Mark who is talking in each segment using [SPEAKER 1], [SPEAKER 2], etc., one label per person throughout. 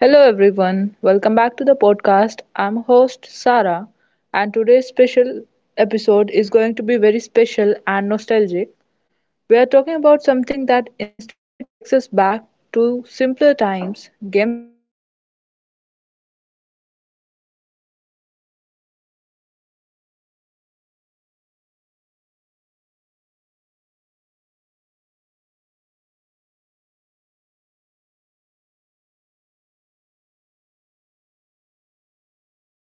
[SPEAKER 1] Hello everyone, welcome back to the podcast. I'm host Sarah, and today's special episode is going to be very special and nostalgic. We are talking about something that instantly takes us back to simpler times, games from our childhood. Before mobile phones, before PlayStations, before constant internet, we had games that didn't need charging, updates, or screens. And to talk about this beautiful topic, I have a guest with me today. Please welcome Shrish.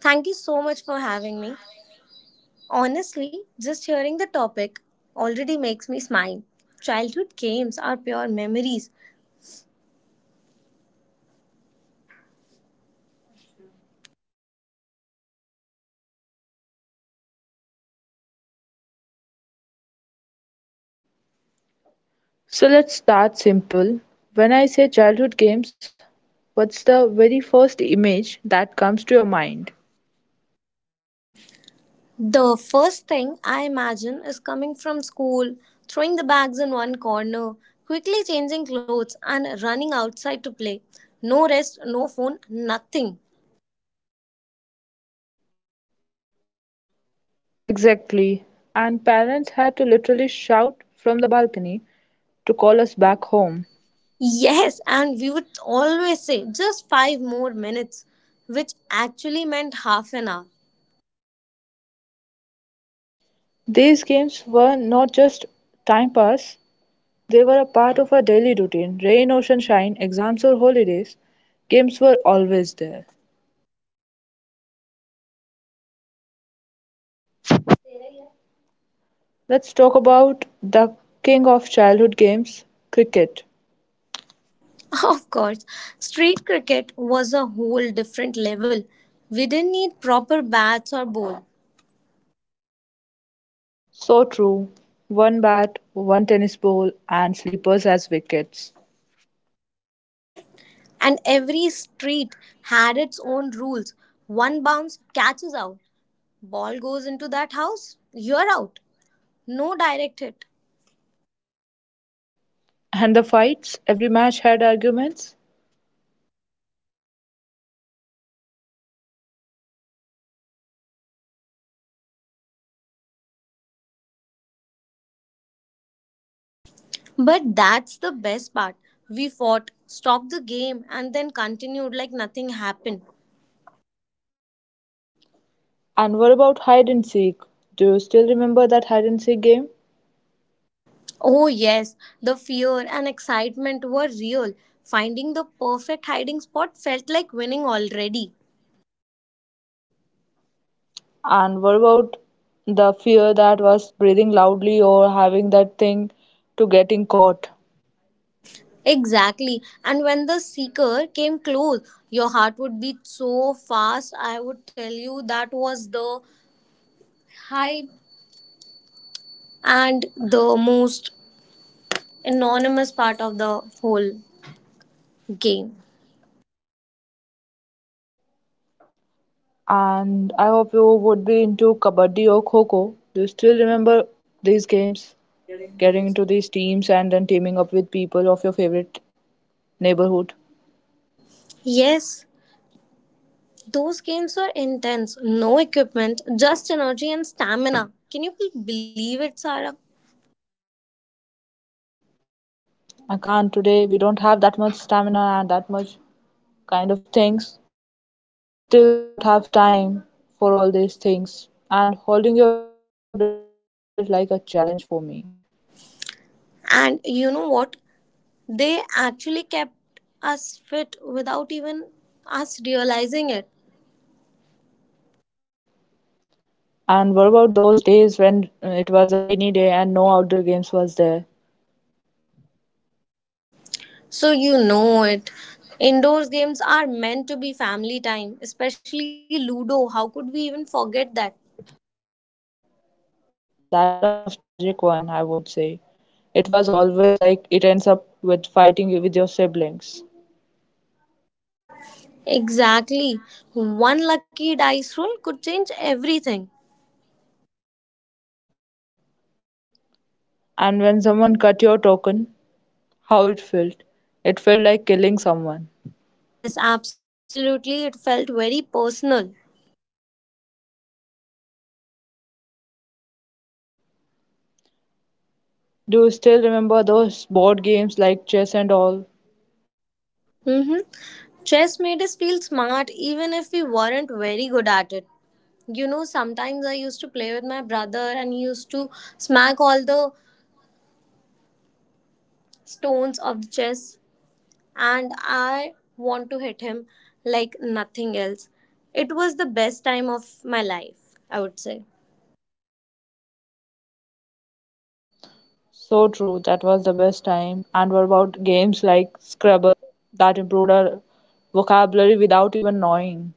[SPEAKER 2] Thank you so much for having me. Honestly, just hearing the topic already makes me smile. Childhood games are pure memories.
[SPEAKER 1] So let's start simple. When I say childhood games, what's the very first image that comes to your mind?
[SPEAKER 2] The first thing I imagine is coming from school, throwing the bags in one corner, quickly changing clothes, and running outside to play. No rest, no phone, nothing.
[SPEAKER 1] Exactly. And parents had to literally shout from the balcony to call us back home.
[SPEAKER 2] Yes, and we would always say just five more minutes, which actually meant half an hour.
[SPEAKER 1] These games were not just time pass, a part of our daily routine. Rain, ocean, shine, exams, or holidays, games were always there. Let's talk about the king of childhood games, cricket.
[SPEAKER 2] Of course, street cricket was a whole different level. We didn't need proper bats or ball,
[SPEAKER 1] So true. One bat, one tennis ball, and sleepers as wickets.
[SPEAKER 2] and every street had its own rules. One bounce catches out, ball goes into that house, you're out. No direct hit.
[SPEAKER 1] And the fights? Every match had arguments.
[SPEAKER 2] But that's the best part. We fought, stopped the game, and then continued like nothing happened.
[SPEAKER 1] And what about hide and seek? Do you still remember that hide and seek game?
[SPEAKER 2] Oh, yes, the fear and excitement were real. Finding the perfect hiding spot felt like winning already.
[SPEAKER 1] And what about the fear that was breathing loudly or having that thing to getting caught?
[SPEAKER 2] Exactly. And when the seeker came close, your heart would beat so fast. I would tell you that was the hype and the most anonymous part of the whole game.
[SPEAKER 1] And I hope you would be into kabaddi or kho-kho. Do you still remember these games? Getting into these teams and then teaming up with people of your favorite neighborhood?
[SPEAKER 2] Yes, those games were intense. No equipment, just energy and stamina. Can you believe it, Sarah?
[SPEAKER 1] I can't today. We don't have that much stamina and that much kind of things. But still, we don't have time for all these things. And holding your breath during kabaddi felt like a challenge for me.
[SPEAKER 2] And you know what? They actually kept us fit without even us realizing it.
[SPEAKER 1] And what about those days when it was a rainy day and no outdoor games was there?
[SPEAKER 2] So you know it. Indoor games are meant to be family time, especially Ludo. How could we even forget that?
[SPEAKER 1] That's the most tragic one, I would say. It was always like it ends up with fighting with your siblings.
[SPEAKER 2] Exactly. One lucky dice roll could change everything.
[SPEAKER 1] And when someone cut your token, how it felt? It felt like killing someone.
[SPEAKER 2] Yes, absolutely. It felt very personal.
[SPEAKER 1] Do you still remember those board games like chess and all?
[SPEAKER 2] Mm-hmm. Chess made us feel smart even if we weren't very good at it. You know, sometimes I used to play with my brother and he used to smack all the stones of the chess. And I want to hit him like nothing else. It was the best time of my life, I would say.
[SPEAKER 1] So true, that was the best time. And what about games like Scrabble that improved our vocabulary without even knowing?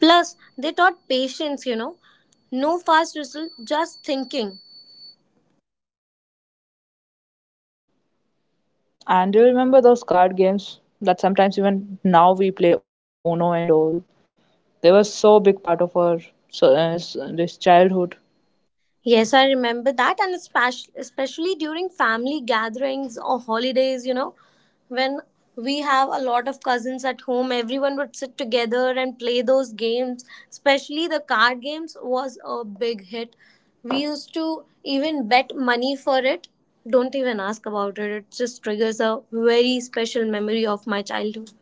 [SPEAKER 2] Plus, they taught patience, you know. No fast result, just thinking.
[SPEAKER 1] And do you remember those card games that sometimes even now we play Uno and all? They were so big part of our this childhood.
[SPEAKER 2] Yes, I remember that, and especially during family gatherings or holidays, you know, when we have a lot of cousins at home, everyone would sit together and play those games. Especially the card games was a big hit. We used to even bet money for it. Don't even ask about it. It just triggers a very special memory of my childhood.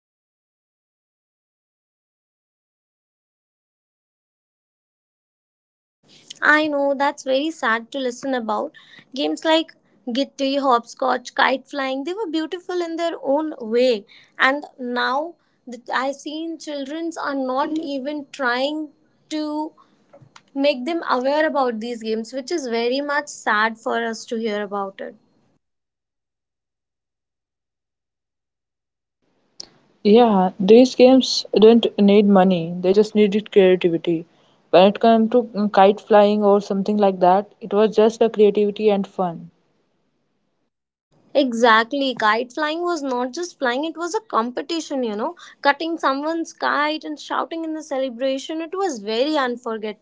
[SPEAKER 1] And what about traditional and local games? They are just disappearing from our society.
[SPEAKER 2] I know that's very sad to listen about. Games like Gitti, Hopscotch, Kite Flying, they were beautiful in their own way. And now I've seen childrens are not even trying to make them aware about these games, which is very much sad for us to hear about it.
[SPEAKER 1] Yeah, these games don't need money, they just needed creativity. When it came to kite flying or something like that, it was just a creativity and fun.
[SPEAKER 2] Exactly. Kite flying was not just flying, it was a competition, you know. Cutting someone's kite and shouting in the celebration, it was very unforgettable.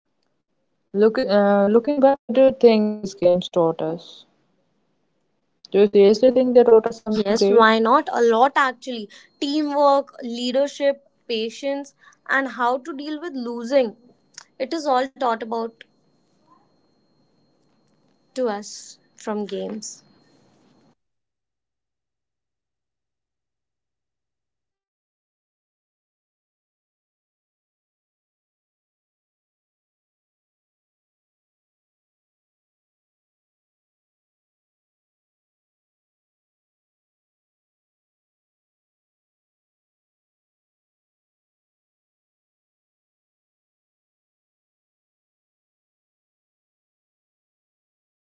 [SPEAKER 1] Looking back, what do you think these games taught us? Do you seriously think they taught us something great?
[SPEAKER 2] Yes, why not? A lot actually. Teamwork, leadership, patience, and how to deal with losing. It is all taught about to us from games.
[SPEAKER 1] So true. They helped us socially and emotionally a lot and made us,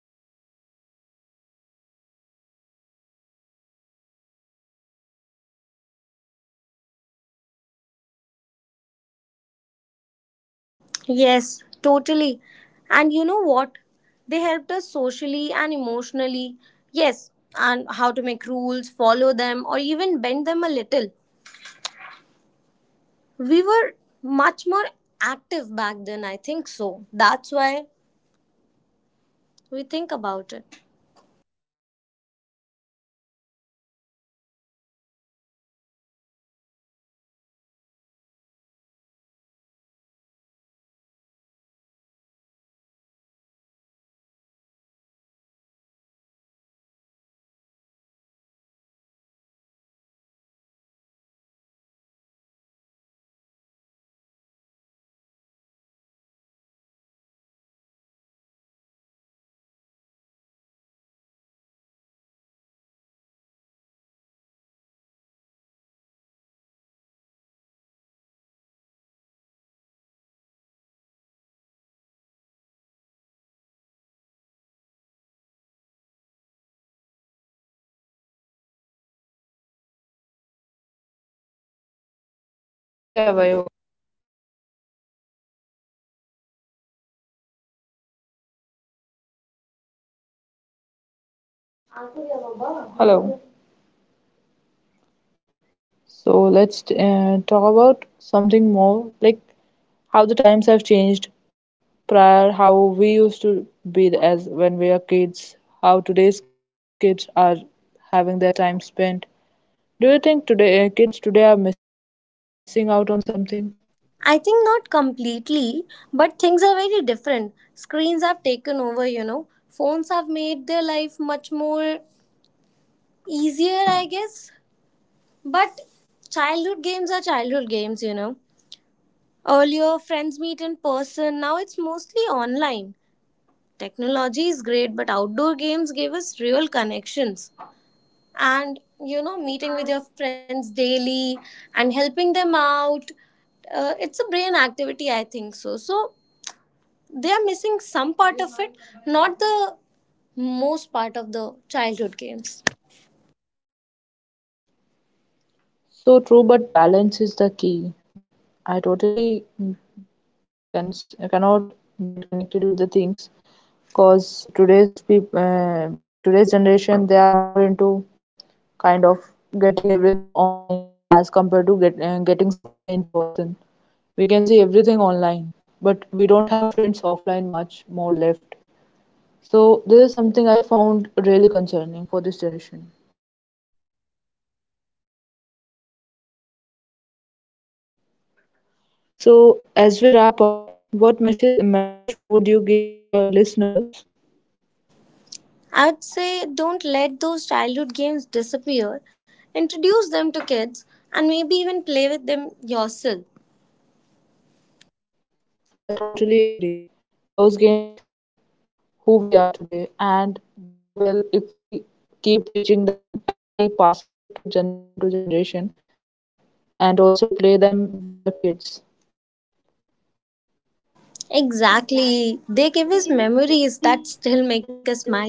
[SPEAKER 1] and it was great playing those games. And also, I would accept that yes, teamwork and leadership was a great part of those games.
[SPEAKER 2] Yes, totally. And you know what? They helped us socially and emotionally. Yes, and how to make rules, follow them, or even bend them a little. We were much more active back then, I think so. That's why we think about it.
[SPEAKER 1] Hello. So let's talk about something more like how the times have changed prior, how we used to be as when we were kids, how today's kids are having their time spent. Do you think today kids today are missing out on something?
[SPEAKER 2] I think not completely, but things are very different. Screens have taken over, you know. Phones have made their life much more easier, I guess. But childhood games are childhood games, you know. Earlier, friends meet in person, now it's mostly online. Technology is great, but outdoor games give us real connections. And, you know, meeting with your friends daily and helping them out, it's a brain activity I think so they are missing some part of it, not the most part of the childhood games.
[SPEAKER 1] So true, but balance is the key. I totally cannot get connected with the things because today's people, like today's generation, they are more into kind of getting everything online as compared to getting somewhere in person. We can see everything online, but we don't have friends offline much more left. So, this is something I found really concerning for this generation. So, as we wrap up, what message would you give to our listeners?
[SPEAKER 2] I'd say don't let those childhood games disappear. Introduce them to kids and maybe even play with them yourself.
[SPEAKER 1] Agree. Those games shaped who we are today, and they will, if we keep teaching them and keep passing it to generation, and also play them with our kids.
[SPEAKER 2] Exactly. They give us memories that still make us smile.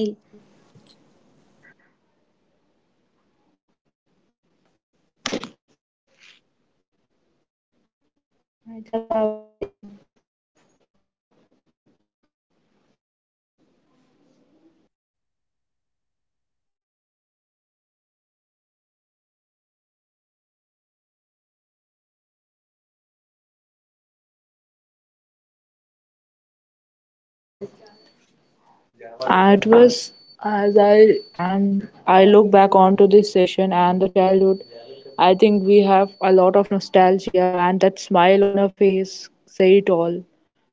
[SPEAKER 1] I tell And it was as I and I look back onto this session and the childhood, I think we have a lot of nostalgia and that smile on her face say all.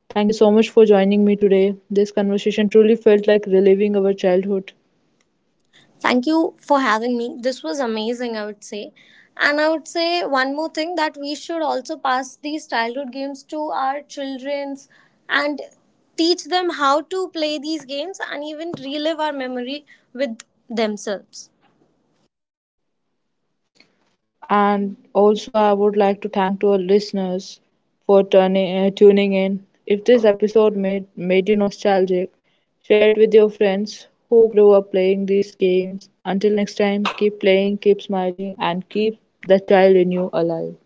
[SPEAKER 1] Thank you so much for joining me today. This conversation truly felt like reliving our childhood.
[SPEAKER 2] Thank you for having me. This was amazing, I would say. And I would say one more thing that we should also pass these childhood games to our children's and teach them how to play these games and even relive our memory with themselves.
[SPEAKER 1] And also, I would like to thank to our listeners for turning tuning in. If this episode made you nostalgic, share it with your friends who grew up playing these games. Until next time, keep playing, keep smiling, and keep the child in you alive.